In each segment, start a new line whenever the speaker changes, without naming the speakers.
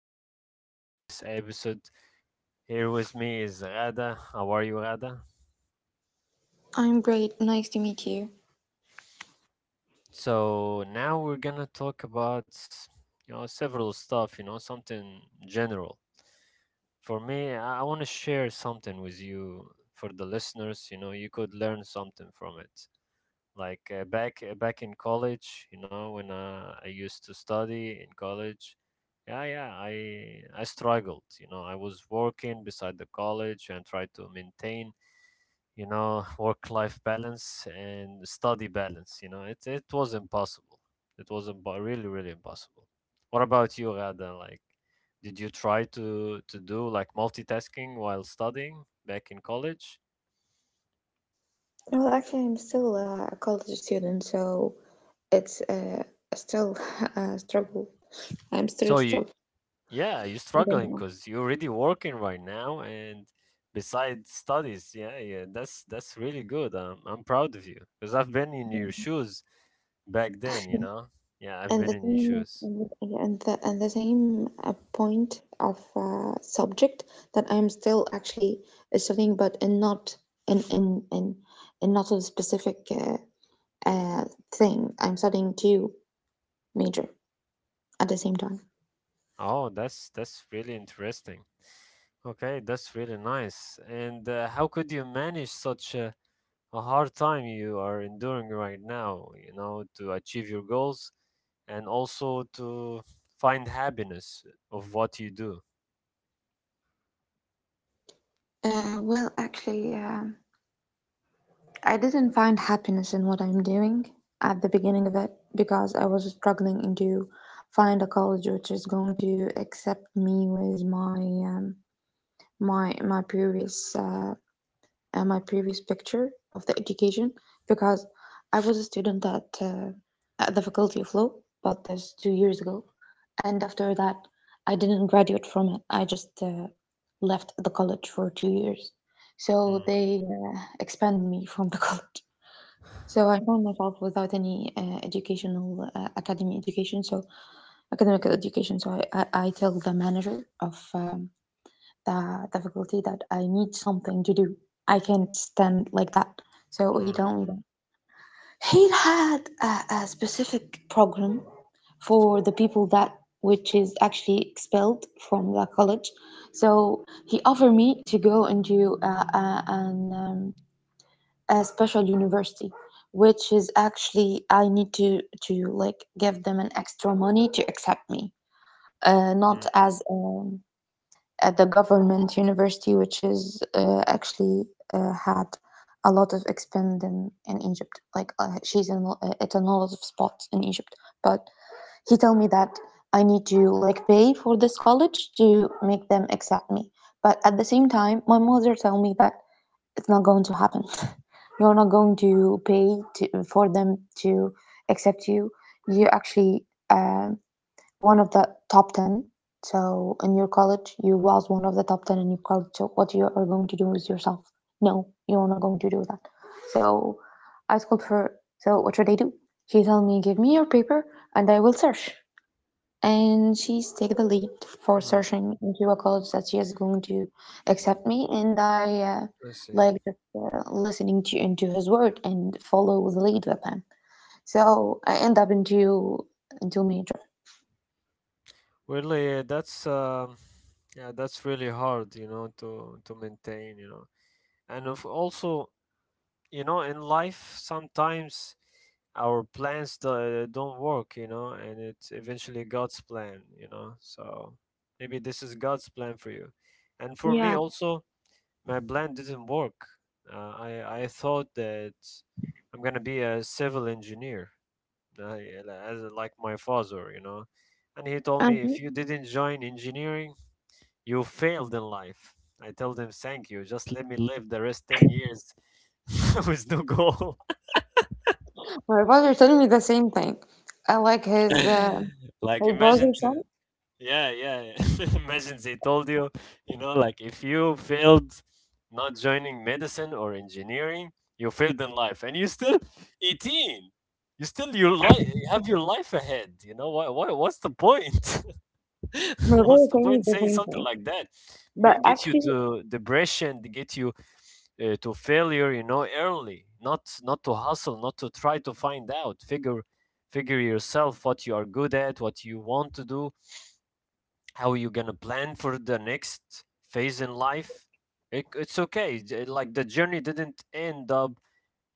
really excited for this episode. Here with me is Rada. How are you, Rada?
I'm great. Nice to meet you.
So now we're gonna talk about several stuff, something general. For me, I wanna share something with you for the listeners, you know, you could learn something from it. Like back in college, you know, when I used to study in college, yeah, yeah, I struggled. You know, I was working beside the college and tried to maintain, work-life balance and study balance. You know, it was impossible. It was really really impossible. What about you, Rada? Like, did you try to do like multitasking while studying back in college?
Well, actually, I'm still a college student, so it's still a struggle. I'm still
So you
struggling.
Yeah, you're
I
struggling
don't
because you're already working right now, and besides studies, yeah, yeah, that's really good. I'm proud of you because I've been in
know.
your shoes back then, you know. Yeah, I've been in your shoes.
And the same point of subject that I'm still actually studying, but in not in in not a specific uh, thing. I'm studying two major at the same time.
Oh, that's really interesting. Okay, that's really nice. And how could you manage such a hard time you are enduring right now, you know, to achieve your goals and also to find happiness of what you do?
Well, actually. I didn't find happiness in what I'm doing at the beginning of it because I was struggling in to find a college which is going to accept me with my um, my previous my previous picture of the education because I was a student at the Faculty of Law, but that's 2 years ago, and after that I didn't graduate from it. I just left the college for 2 years, so they expelled me from the college. So I found myself without any educational academy education, so academic education. So I tell the manager of the faculty that I need something to do. I can't stand like that. So he
Mm.
told me that he had a specific program for the people that which is actually expelled from the college. So he offered me to go into an a special university which is actually I need to like give them an extra money to accept me, not
Mm,
as at the government university which is actually had a lot of expand in Egypt, like she's in it's in a lot of spots in Egypt, but he told me that I need to like pay for this college to make them accept me. But at the same time my mother told me that it's not going to happen. You're not going to pay to, for them to accept you. You're actually um, one of the top 10. So in your college, you was one of the top 10 in your college. So what you are going to do is yourself. No, you're not going to do that. So I told her, so what should I do? She told me, give me your paper and I will search, and she's take the lead for
mm,
searching into a college that she is going to accept me. And I
I see.
like just listening to into his word and follow the lead with him, so I end up into major.
Really, that's yeah, that's really hard, you know, to maintain, you know, and of also, you know, in life sometimes our plans don't work, you know, and it's eventually God's plan, you know. So maybe this is God's plan for you, and for me
Yeah.
also, my plan didn't work. I thought that I'm gonna be a civil engineer, yeah, as like my father, you know. And he told me,
Mhm.
if you didn't join engineering, you failed in life. I told him, thank you. Just let me live the rest 10 years with no goal.
My brother told me the same thing. I like
like,
his brother's son.
yeah, yeah. Yeah. Imagine they told you, you know, like if you failed not joining medicine or engineering, you failed in life. And you still 18. You have your life ahead. You know, what's the point?
My brother
What's the
told me
point
the
saying
same
something
thing,
like that?
but
Get you
actually
to depression, to get you to failure, you know, early. Not to hustle, not to try to find out. Figure yourself what you are good at, what you want to do, how you gonna plan for the next phase in life. It's okay. Like the journey didn't end up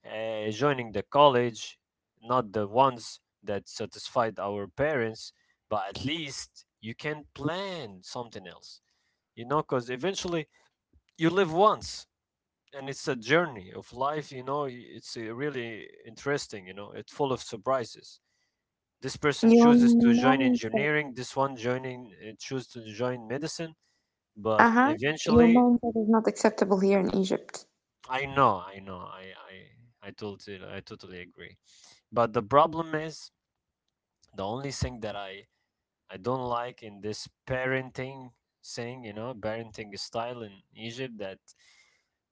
joining the college, not the ones that satisfied our parents, but at least you can plan something else, you know, because eventually you live once and it's a journey of life, you know, it's really interesting, you know, it's full of surprises. This person
your
chooses to join
mindset.
engineering, this one choose to join medicine, but
Uh-huh. Your
eventually,
mindset is not acceptable here in Egypt.
I know, I know, I, I totally agree. But the problem is the only thing that I don't like in this parenting thing, you know, parenting style in Egypt that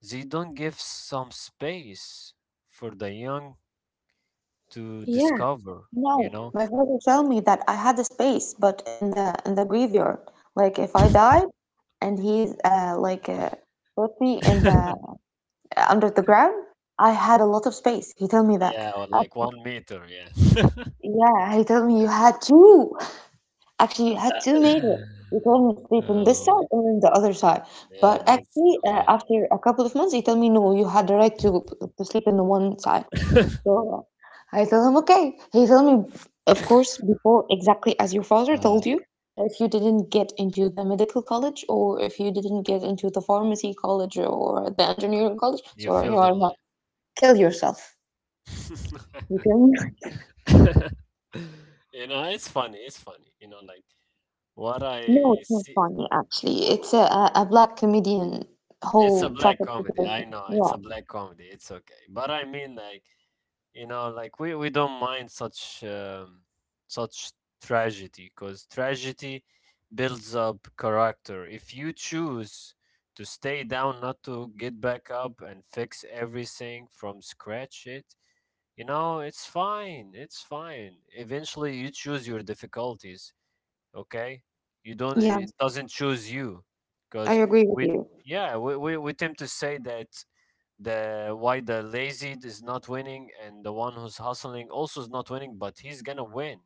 they don't give some space for the young to
Yeah.
discover, you
No,
know.
my father tell me that I had a space, but in the graveyard, like if I died, and he put me in the under the ground, I had a lot of space. He told me that.
Yeah, or
Uh,
like 1 meter, yeah.
yeah, he told me you had two. Actually, you had 2 meters. He told me sleep on this
Oh,
side and on the other side.
yeah,
But
that's
actually,
the one.
after a couple of months, he told me no, you had the right to sleep on the one side. So I told him, okay. He told me, of course, before exactly as your father told
Uh,
you, if you didn't get into the medical college or if you didn't get into the pharmacy college or the engineering college,
you
so
feel
you
the
are not
love.
kill yourself. You can.
You know, it's funny, it's funny. You know, like what
No,
I
it's not
see
funny actually. It's a black comedian
it's a
whole
black
traffic
comedy. I
situation.
know
Yeah.
it's a black comedy. It's okay. But I mean, like you know, like we don't mind such such tragedy because tragedy builds up character. If you choose to stay down, not to get back up and fix everything from scratch, it you know it's fine. It's fine. Eventually, you choose your difficulties, okay, you don't,
Yeah,
it doesn't choose you
I
because
agree with
we
you.
yeah we tend to say that the lazy is not winning and the one who's hustling also is not winning but he's gonna win,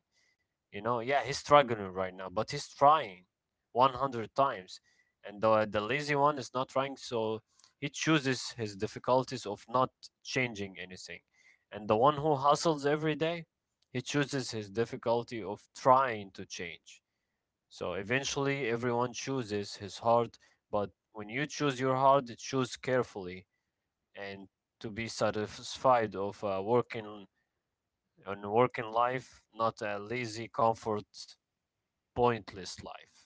you know, yeah he's struggling right now but he's trying 100 times and the lazy one is not trying so he chooses his difficulties of not changing anything and the one who hustles every day he chooses his difficulty of trying to change. So eventually, everyone chooses his heart, but when you choose your heart, choose carefully and to be satisfied of working on working life, not a lazy, comfort, pointless life.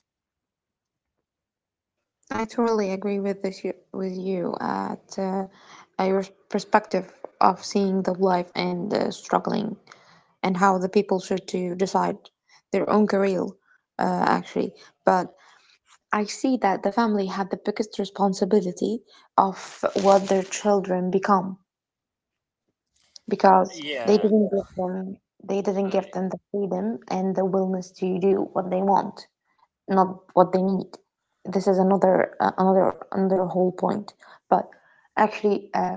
I totally agree with this you, with you at your perspective of seeing the life and struggling, and how the people should to decide their own career, actually. But I see that the family have the biggest responsibility of what their children become because
Yeah,
they
uh,
didn't give them the freedom and the willingness to do what they want, not what they need. This is another another whole point. But actually,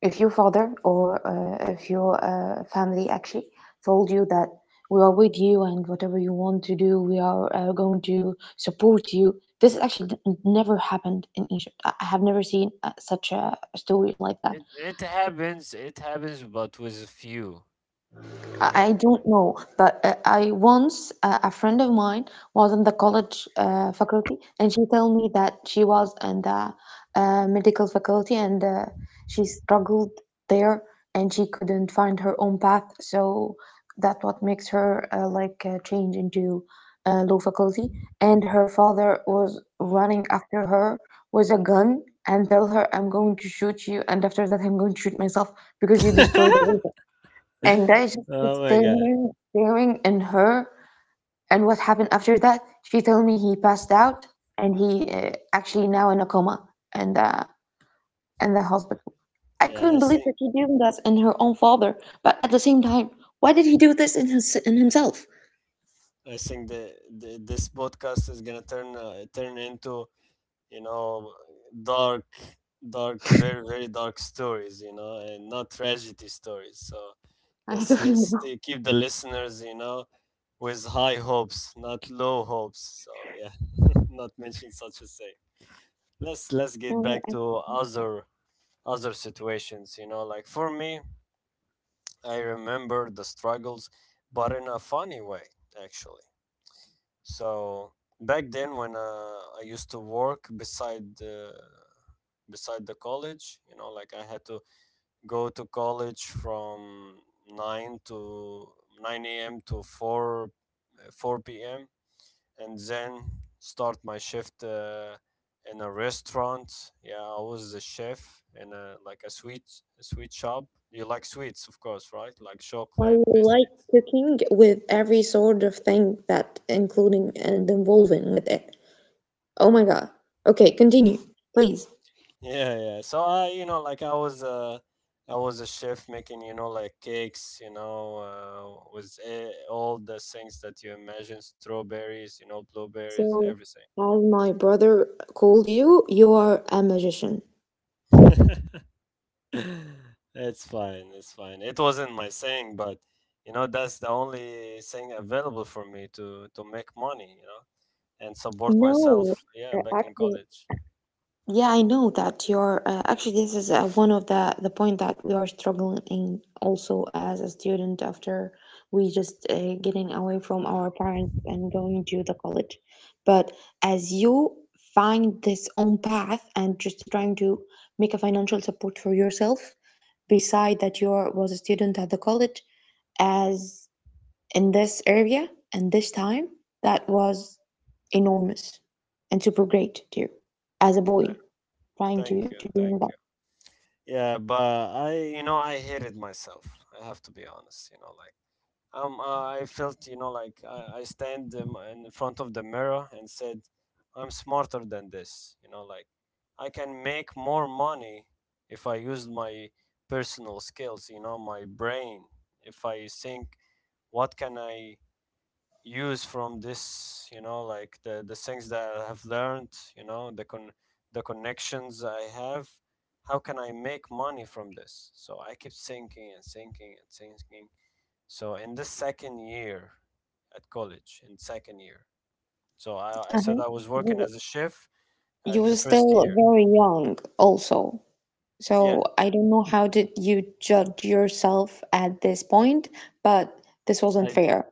if your father or if your family actually told you that we are with you and whatever you want to do, we are going to support you. This actually never happened in Egypt. I have never seen such a story like that.
it happens. It happens, but with a few.
I
Okay.
don't know, but I once a friend of mine was in the college faculty, and she told me that she was in the medical faculty and she struggled there, and she couldn't find her own path. So that what makes her change into law faculty. And her father was running after her with a gun and tell her, "I'm going to shoot you, and after that, I'm going to shoot myself because you destroyed everything." And I just was
Oh my god.
staring in her. And what happened after that? She told me he passed out, and he actually now in a coma, and in the hospital. I
Yeah, I
couldn't believe that
think
she did that in her own father. But at the same time, why did he do this in his in himself?
I think the this podcast is gonna turn turn into, you know, dark, dark, very very dark stories, you know, and not tragedy stories. So
I
let's
don't know.
stay, keep the listeners, you know, with high hopes not low hopes, so yeah not mention such a thing. Let's get
Uh,
back
I
to other situations, you know, like for me I remember the struggles but in a funny way, actually. So back then, when I used to work beside beside the college, you know, like I had to go to college from nine to nine a.m. to four p.m. and then start my shift in a restaurant. Yeah, I was the chef in a like a sweet, a sweet shop. You like sweets, of course, right? Like
I
chocolate,
like
biscuit.
cooking with every sort of thing that including and involving with it. Oh my god. Okay, continue, please.
Yeah, yeah. So I, you know, like I was a chef making, you know, like cakes, you know, with all the things that you imagine, strawberries, you know, blueberries,
So,
everything.
has my brother called you? You are a magician.
It's fine. It wasn't my thing, but you know, that's the only thing available for me to make money, you know, and support
No,
myself. Yeah, back in
actually,
college.
yeah, I know that you're. Actually, this is one of the point that we are struggling in also as a student after we just getting away from our parents and going to the college. But as you find this own path and just trying to make a financial support for yourself, beside that you are was a student at the college as in this area and this time that was enormous and super great too. As a boy trying
Thank
to
you,
do
thank
that.
you. Yeah, but I, you know, I hated myself. I have to be honest, you know, like. I felt, you know, like I stand in front of the mirror and said, I'm smarter than this. You know, like I can make more money if I use my personal skills, you know, my brain. If I think, what can I use from this, you know, like the things that I have learned, you know, the connections I have, how can I make money from this? So I kept thinking, so in this second year at college, so I said
Uh-huh.
I was
you
working
were-
as a chef
you
at the
were
first
still
year.
very young also.
Yeah,
So I don't know how did you judge yourself at this point, but this wasn't
I
fair.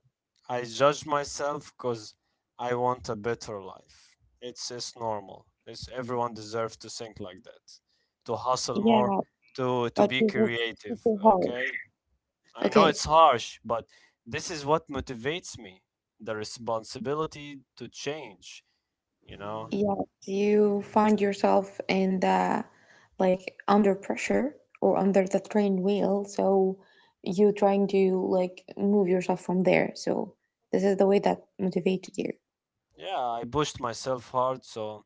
I judged myself because I want a better life. It's normal. It's everyone deserves to think like that, to hustle
Yeah,
more, to
but
be
it was
creative.
super
Okay,
harsh.
I know
Okay.
it's harsh, but this is what motivates me. The responsibility to change. You know.
Yes, you find yourself in the like under pressure or under the train wheel, so you trying to like move yourself from there. So this is the way that motivated you.
Yeah, I pushed myself hard, so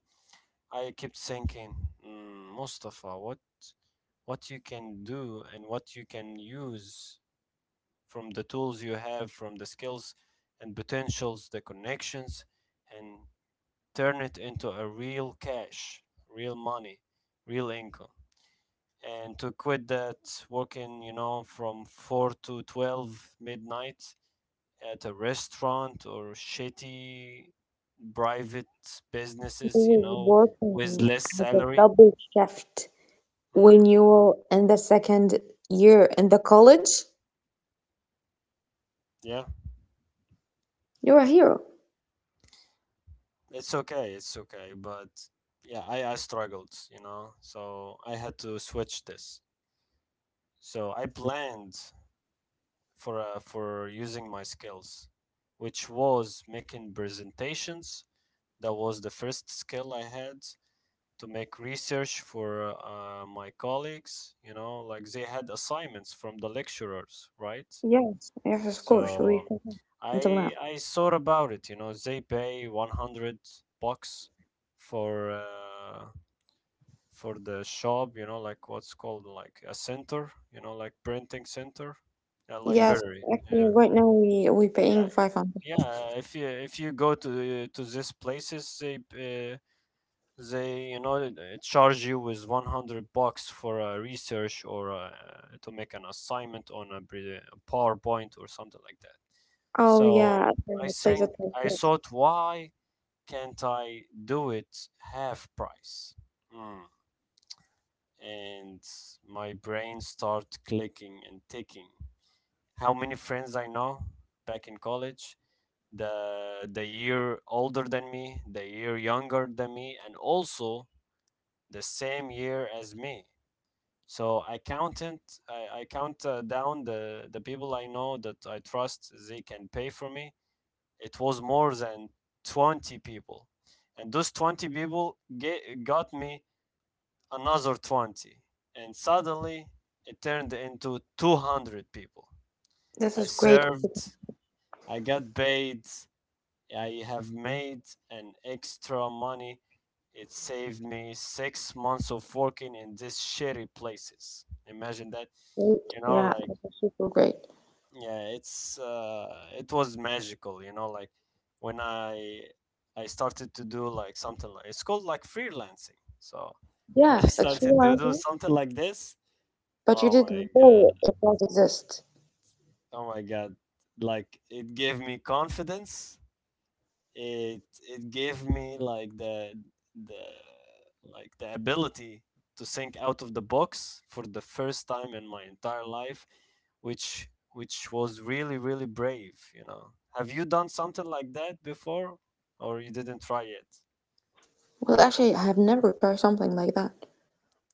I kept thinking, "Mm, Mustafa, what you can do and what you can use from the tools you have, from the skills and potentials, the connections, and turn it into a real cash, real money, real income. And to quit that working, you know, from 4 to 12 midnight at a restaurant or shitty private businesses, you
You
know, with
working
less
as a
salary.
double shift
Hmm.
when you were in the second year in the college.
Yeah,
You're a hero.
it's okay, but yeah, I struggled, you know, so I had to switch this. So I planned for using my skills, which was making presentations. That was the first skill I had to make research for my colleagues, you know, like they had assignments from the lecturers, right?
Yes, yes, of course. We
So
think that until now.
I thought about it, you know, they pay 100 bucks for uh, for the shop, you know, like what's called like a center, you know, like printing center, a
Yes,
library.
actually,
Yeah.
right now we
Yeah,
paying 500.
yeah, if you go to these places, they they you know uh, charge you with 100 bucks for a research or to make an assignment on a PowerPoint or something like that.
Oh
So
yeah, the place at
I thought, why can't I do it half price? Hmm. And my brain start clicking and ticking. How many friends I know back in college, the year older than me, the year younger than me, and also the same year as me. So I counted, I count down the people I know that I trust they can pay for me. It was more than 20 people. And those 20 people got me another 20. And suddenly it turned into 200 people.
this
I
is great.
served, I got paid, I have made an extra money. It saved me 6 months of working in these shitty places. Imagine that,
Great.
you know,
Yeah,
like
this is super great.
yeah, it's it was magical, when I started to do like something, like it's called like freelancing. So when I
Yeah, it's
started to do
realizing,
something like this.
but you
Oh
did
my god,
before it does exist.
oh my god, like it gave me confidence. It it gave me like the the like the ability to think out of the box for the first time in my entire life, which was really, really brave, you know. Have you done something like that before, or you didn't try it,
Well, actually, I have never tried something like that.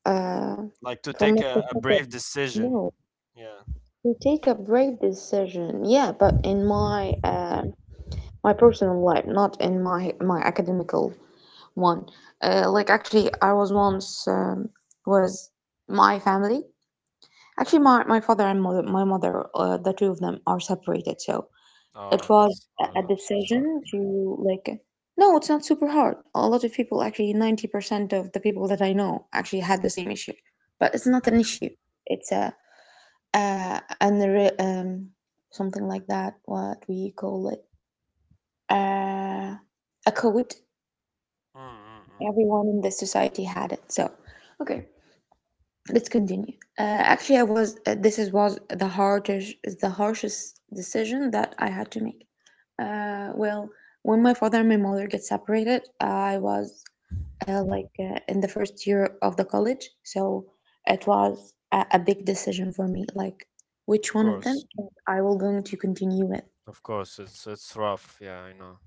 Uh,
like to
from
take
my
a
perspective,
brave decision?
no.
Yeah.
To take a brave decision, yeah, but in my my personal life, not in my academical one. Like actually, I was once was my family. Actually, my father and mother, my mother, the two of them are separated. So it
Oh,
was
that's
a
hard, I'm so sorry.
decision to like, no, it's not super hard. A lot of people, actually, 90% of the people that I know actually had the same issue, but it's not an issue. It's uh, an, irre- um, something like that, what we call it, uh, a code.
Mm-mm-mm.
Everyone in this society had it. So, okay. Let's continue. Actually, I was this is was the hardest, the harshest decision that I had to make. Well, when my father and my mother get separated, I was in the first year of the college, so it was a big decision for me, like which
Of
one of them
course,
I will going to continue with.
of course, it's rough. Yeah, I know.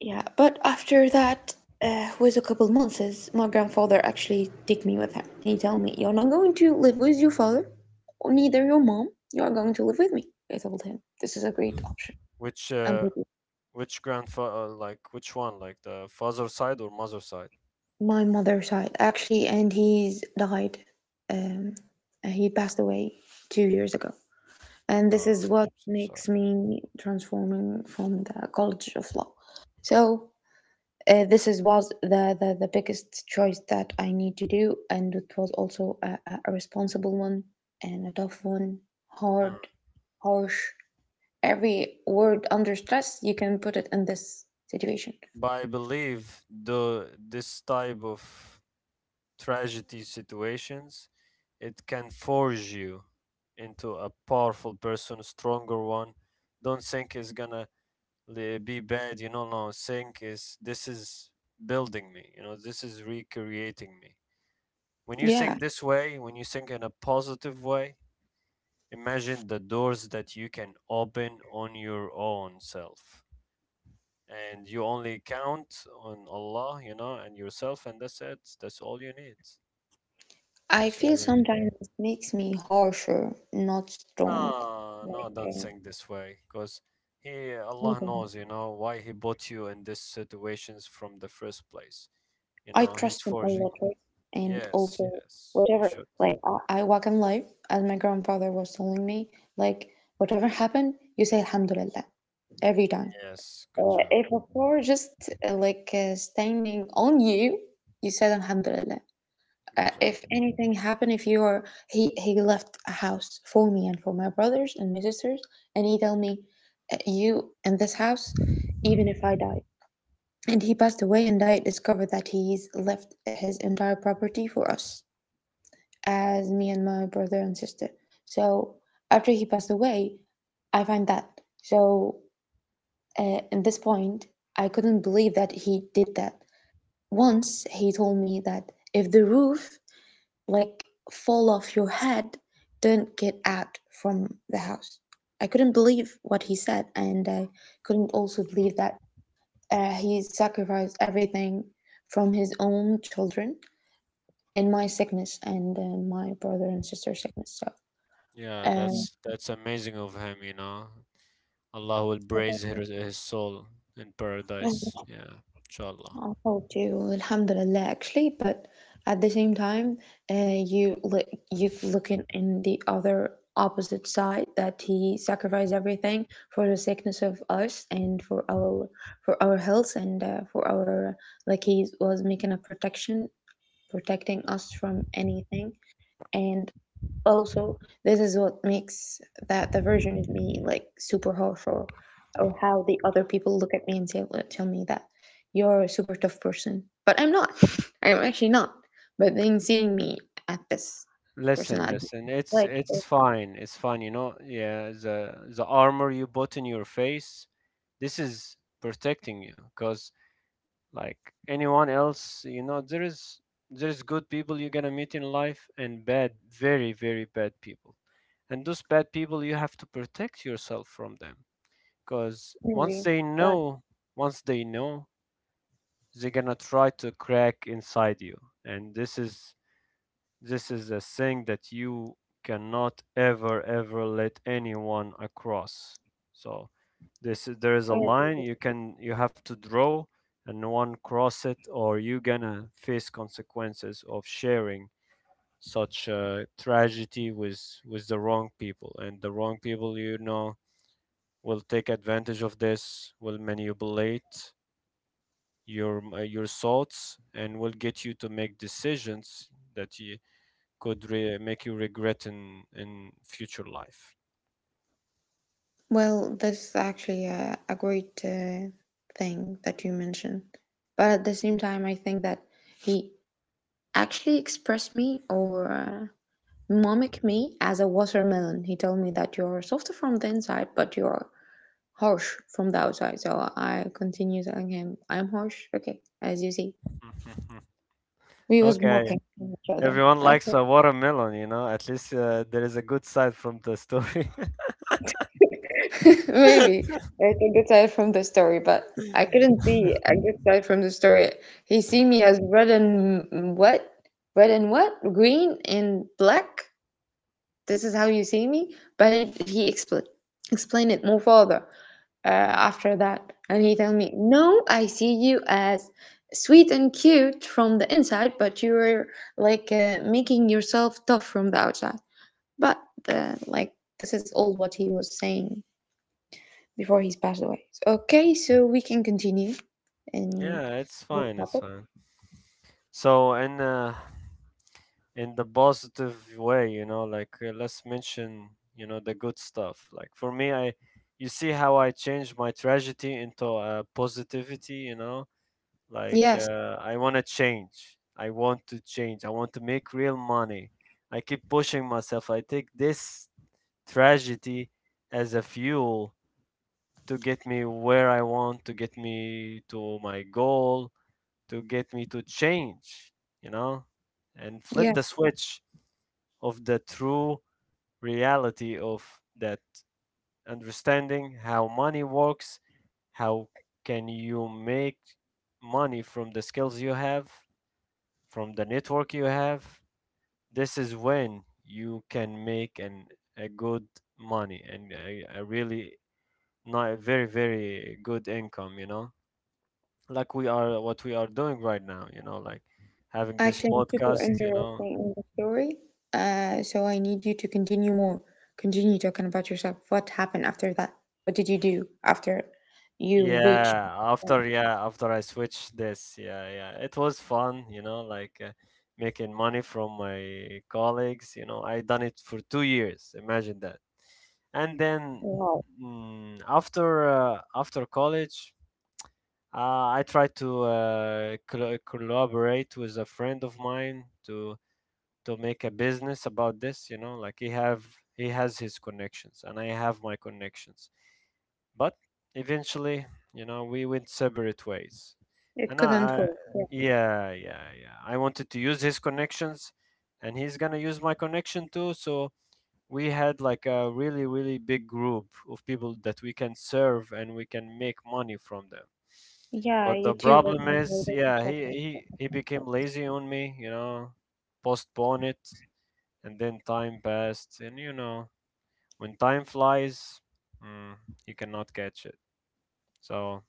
Yeah, but after that, was a couple months, my grandfather actually take me with him. He told me, "You're not going to live with your father, or neither your mom. You are going to live with me. I told him this is a great option.
Which
And
uh, Which grandfather, like which one, like the father side or mother side?
my mother's side actually, and he's died. Um, he passed away 2 years ago, and this is what
Sorry.
makes me transforming from the College of Law. So this is was the, the biggest choice that I need to do, and it was also a responsible one and a tough one, hard,
Mm.
harsh, every word under stress, you can put it in this situation.
But I believe the this type of tragedy situations, it can forge you into a powerful person, stronger one. Don't think it's gonna be bad. No, think is this is building me. You know, this is recreating me. When you think
Yeah,
this way, when you think in a positive way, imagine the doors that you can open on your own self. And you only count on Allah, you know, and yourself, and that's it. That's all you need.
I
That's
feel
all you need.
sometimes it makes me harsher, not strong.
No,
Like,
no, don't think this way, because he,
I don't
Allah knows,
know.
you know, why he brought you in these situations from the first place. You
I
know, he's
trust them a
forging
lot, right?
it.
And
Yes,
also,
yes, you
whatever,
should.
like, I walk in life, as my grandfather was telling me, like, whatever happened, you say Alhamdulillah every time.
Yes, good job,
If a car just standing on you, you said Alhamdulillah.
good job.
If anything happened, if you are, he left a house for me and for my brothers and my sisters, and he tell me, "You in this house, even if I die. And he passed away, and I discovered that he's left his entire property for us, as me and my brother and sister. So after he passed away, I find that. So at this point, I couldn't believe that he did that. Once he told me that if the roof like fall off your head don't get out from the house, I couldn't believe what he said, and I couldn't also believe that he sacrificed everything from his own children in my sickness and my brother and sister's sickness.
Yeah,
So
that's amazing of him, you know. Allah will praise her, his soul in
um,
paradise. Yeah, inshallah.
I thought you, Alhamdulillah, actually, but at the same time, you look, you've looking in the other opposite side that he sacrificed everything for the sickness of us and for our health and for our, like, he was making a protection, protecting us from anything. And also this is what makes that the version of me like super harsh, or how the other people look at me and say, tell me that you're a super tough person, but I'm not. I'm actually not. But then seeing me at this
Listen,
personality,
listen. It's
like,
it's
it's
fine. It's fine. You know, yeah. The armor you put in your face, this is protecting you. Cause like anyone else, you know, there is good people you're gonna meet in life, and bad, very, very bad people. And those bad people, you have to protect yourself from them. Cause once
maybe,
they
but
know, once they know they're gonna try to crack inside you, and this is a thing that you cannot ever, ever let anyone across. So this there is a
I agree.
line
With-
you have to draw, and no one cross it, or you gonna face consequences of sharing such a tragedy with the wrong people, and the wrong people will take advantage of this, will manipulate your thoughts, and will get you to make decisions that you make you regret in future life.
well, this is actually a great thing that you mentioned, but at the same time I think that he actually expressed me or mimic me as a watermelon. He told me that you're softer from the inside, but you're harsh from the outside. So I continue telling him, I'm harsh. Okay, as you see. We was
Okay,
mocking each other.
everyone
Okay.
likes a watermelon, you know. At least there is a good side from the story.
Maybe. I can get tired from the story, but I couldn't see a good side from the story. He see me as red and what? Red and what? Green and black? This is how you see me? But he, explained it more further after that, and he told me no, I see you as sweet and cute from the inside, but you're like, making yourself tough from the outside. But uh, like this is all what he was saying before he's passed away. Okay, so we can continue in
Yeah, it's fine. It's
topic.
fine. So in the positive way, you know, like let's mention, the good stuff. Like for me, I you see how I changed my tragedy into positivity, you know, like
Yes.
I want to change, I want to change, I want to make real money. I keep pushing myself. I take this tragedy as a fuel to get me where I want, to get me to my goal, to get me to change, you know, and flip
Yeah,
the switch of the true reality of that, understanding how money works, how can you make money from the skills you have, from the network you have. This is when you can make an a good money and a really not very, very good income, you know, like we are what we are doing right now, like having this
actually I'm super
podcast you
interesting
know
in the story. So I need you to continue more, continue talking about yourself, what happened after that, what did you do after you reached.
Yeah, after I switched this, yeah, yeah, it was fun, you know, like making money from my colleagues. I done it for 2 years. Imagine that. And then,
Wow,
after college, I tried to collaborate with a friend of mine to make a business about this, you know, like he has his connections and I have my connections. But eventually, we went separate ways.
it
And
couldn't
I
work. Yeah,
yeah, yeah, yeah, I wanted to use his connections, and he's gonna use my connection too. So we had like a really, really big group of people that we can serve and we can make money from them.
yeah,
But the
YouTube was
problem
on your
is, yeah, he
relationship and
he,
stuff
he
like
became
that.
lazy on me. Postpone it, and then time passed, and you know, when time flies, mm, you cannot catch it. So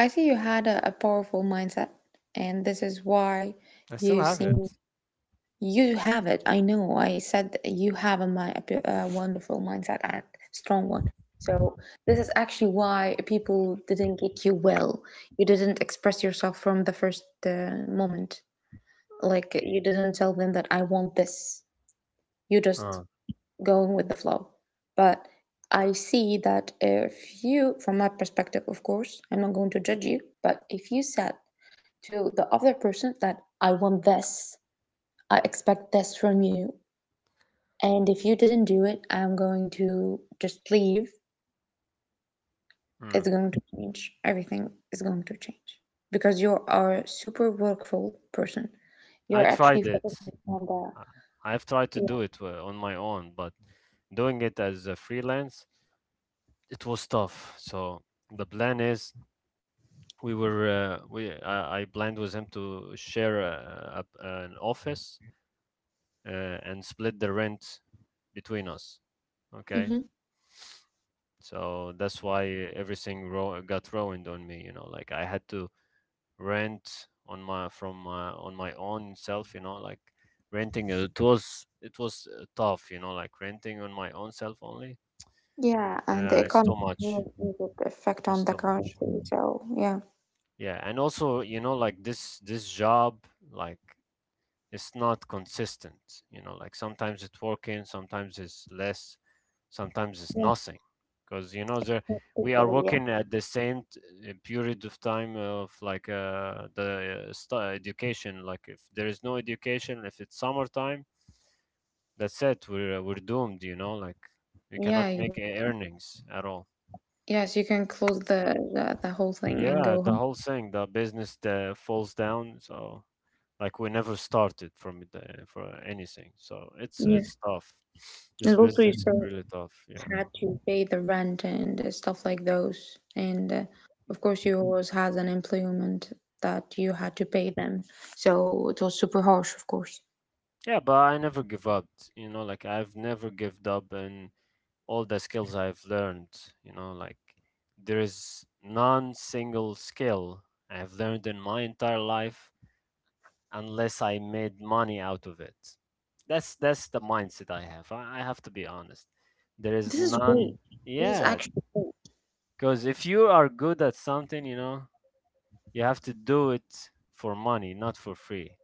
I see you had a powerful mindset, and this is why
I still
you
have
seem
it.
you have it. I know. I said that you have a, a wonderful mindset and strong one. So this is actually why people didn't get you well. You didn't express yourself from the first moment. Like you didn't tell them that I want this. You
uh,
just going with the flow. But I see that if you, from my perspective, of course, I'm not going to judge you, but if you said to the other person that I want this, I expect this from you, and if you didn't do it, I'm going to just leave,
mm.
it's going to change. Everything is going to change because you are a super workful person.
I
You're actually
tried it.
focusing on
I-
the,
I've tried to do
yeah.
it on my own. But doing it as a freelance, it was tough. So the plan is, we were we I planned with him to share an office, uh, and split the rent between us. Okay,
Mhm.
so that's why everything got ruined on me. You know, like I had to rent on my own self. You know, like renting, it was tough. You know, like renting on my own self only.
Yeah, and the
It's
economy
too much.
has immediate effect on
It's
the
too much.
currency. So yeah,
Yeah, and also, you know, like this job, like it's not consistent. You know, like sometimes it's working, sometimes it's less, sometimes it's
yeah,
nothing. Because there
that's people,
we are
yeah,
working at the same period of time, of like the stu education. Like if there is no education, if it's summertime, that's it. We're doomed. You know, like we cannot
yeah. You,
make earnings at all.
yes, you can close the whole thing and
Yeah,
go
the
home.
whole thing, the business falls down. So. Like we never started from the for anything, so it's
Yes,
it's tough.
and
This
also you
business is
still
really tough. Yeah,
had to pay the rent and stuff like those. And of course, you always had an employment that you had to pay them. So it was super harsh, of course.
yeah, but I never give up. You know, like I've never given up, and all the skills I've learned. You know, like there is none single skill I've learned in my entire life unless I made money out of it. That's the mindset I have. I have to be honest. There is
This is
none.
great. This is
Yeah,
actually great.
because if you are good at something, you have to do it for money, not for free.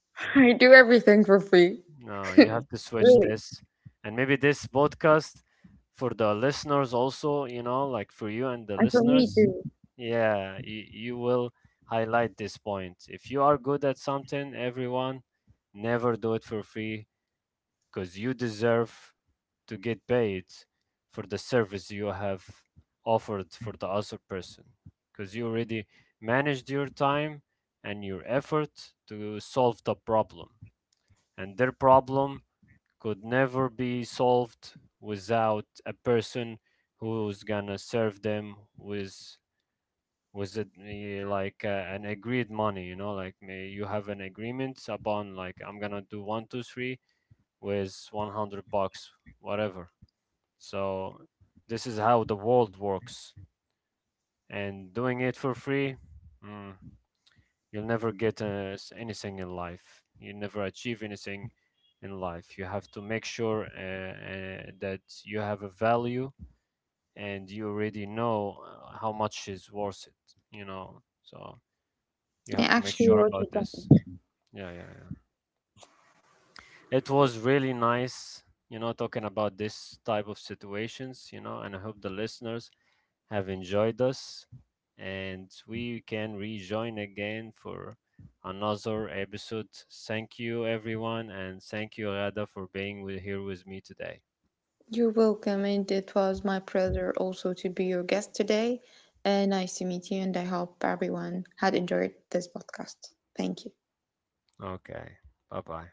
I do everything for free.
No, you have to switch
Really,
this. And maybe this podcast for the listeners also, you know, like for you and the
and for me
listeners,
too.
yeah, you will highlight this point. If you are good at something, everyone, never do it for free, because you deserve to get paid for the service you have offered for the other person, because you already managed your time and your effort to solve the problem, and their problem could never be solved without a person who's gonna serve them with it, like an agreed money, like may you have an agreement upon, like I'm gonna do 1, 2, 3 with 100 bucks, whatever. So this is how the world works. And doing it for free, mm, you'll never get anything in life. You never achieve anything in life. You have to make sure that you have a value, and you already know how much is worth it. So you
I
have to make
actually
sure
wrote
about
it down.
this. Yeah, yeah, yeah. It was really nice, talking about this type of situations, and I hope the listeners have enjoyed us, and we can rejoin again for another episode. Thank you, everyone, and thank you, Rada, for being here with me today.
You're welcome, and it was my pleasure also to be your guest today. Nice to meet you, and I hope everyone had enjoyed this podcast. Thank you.
Okay, bye bye.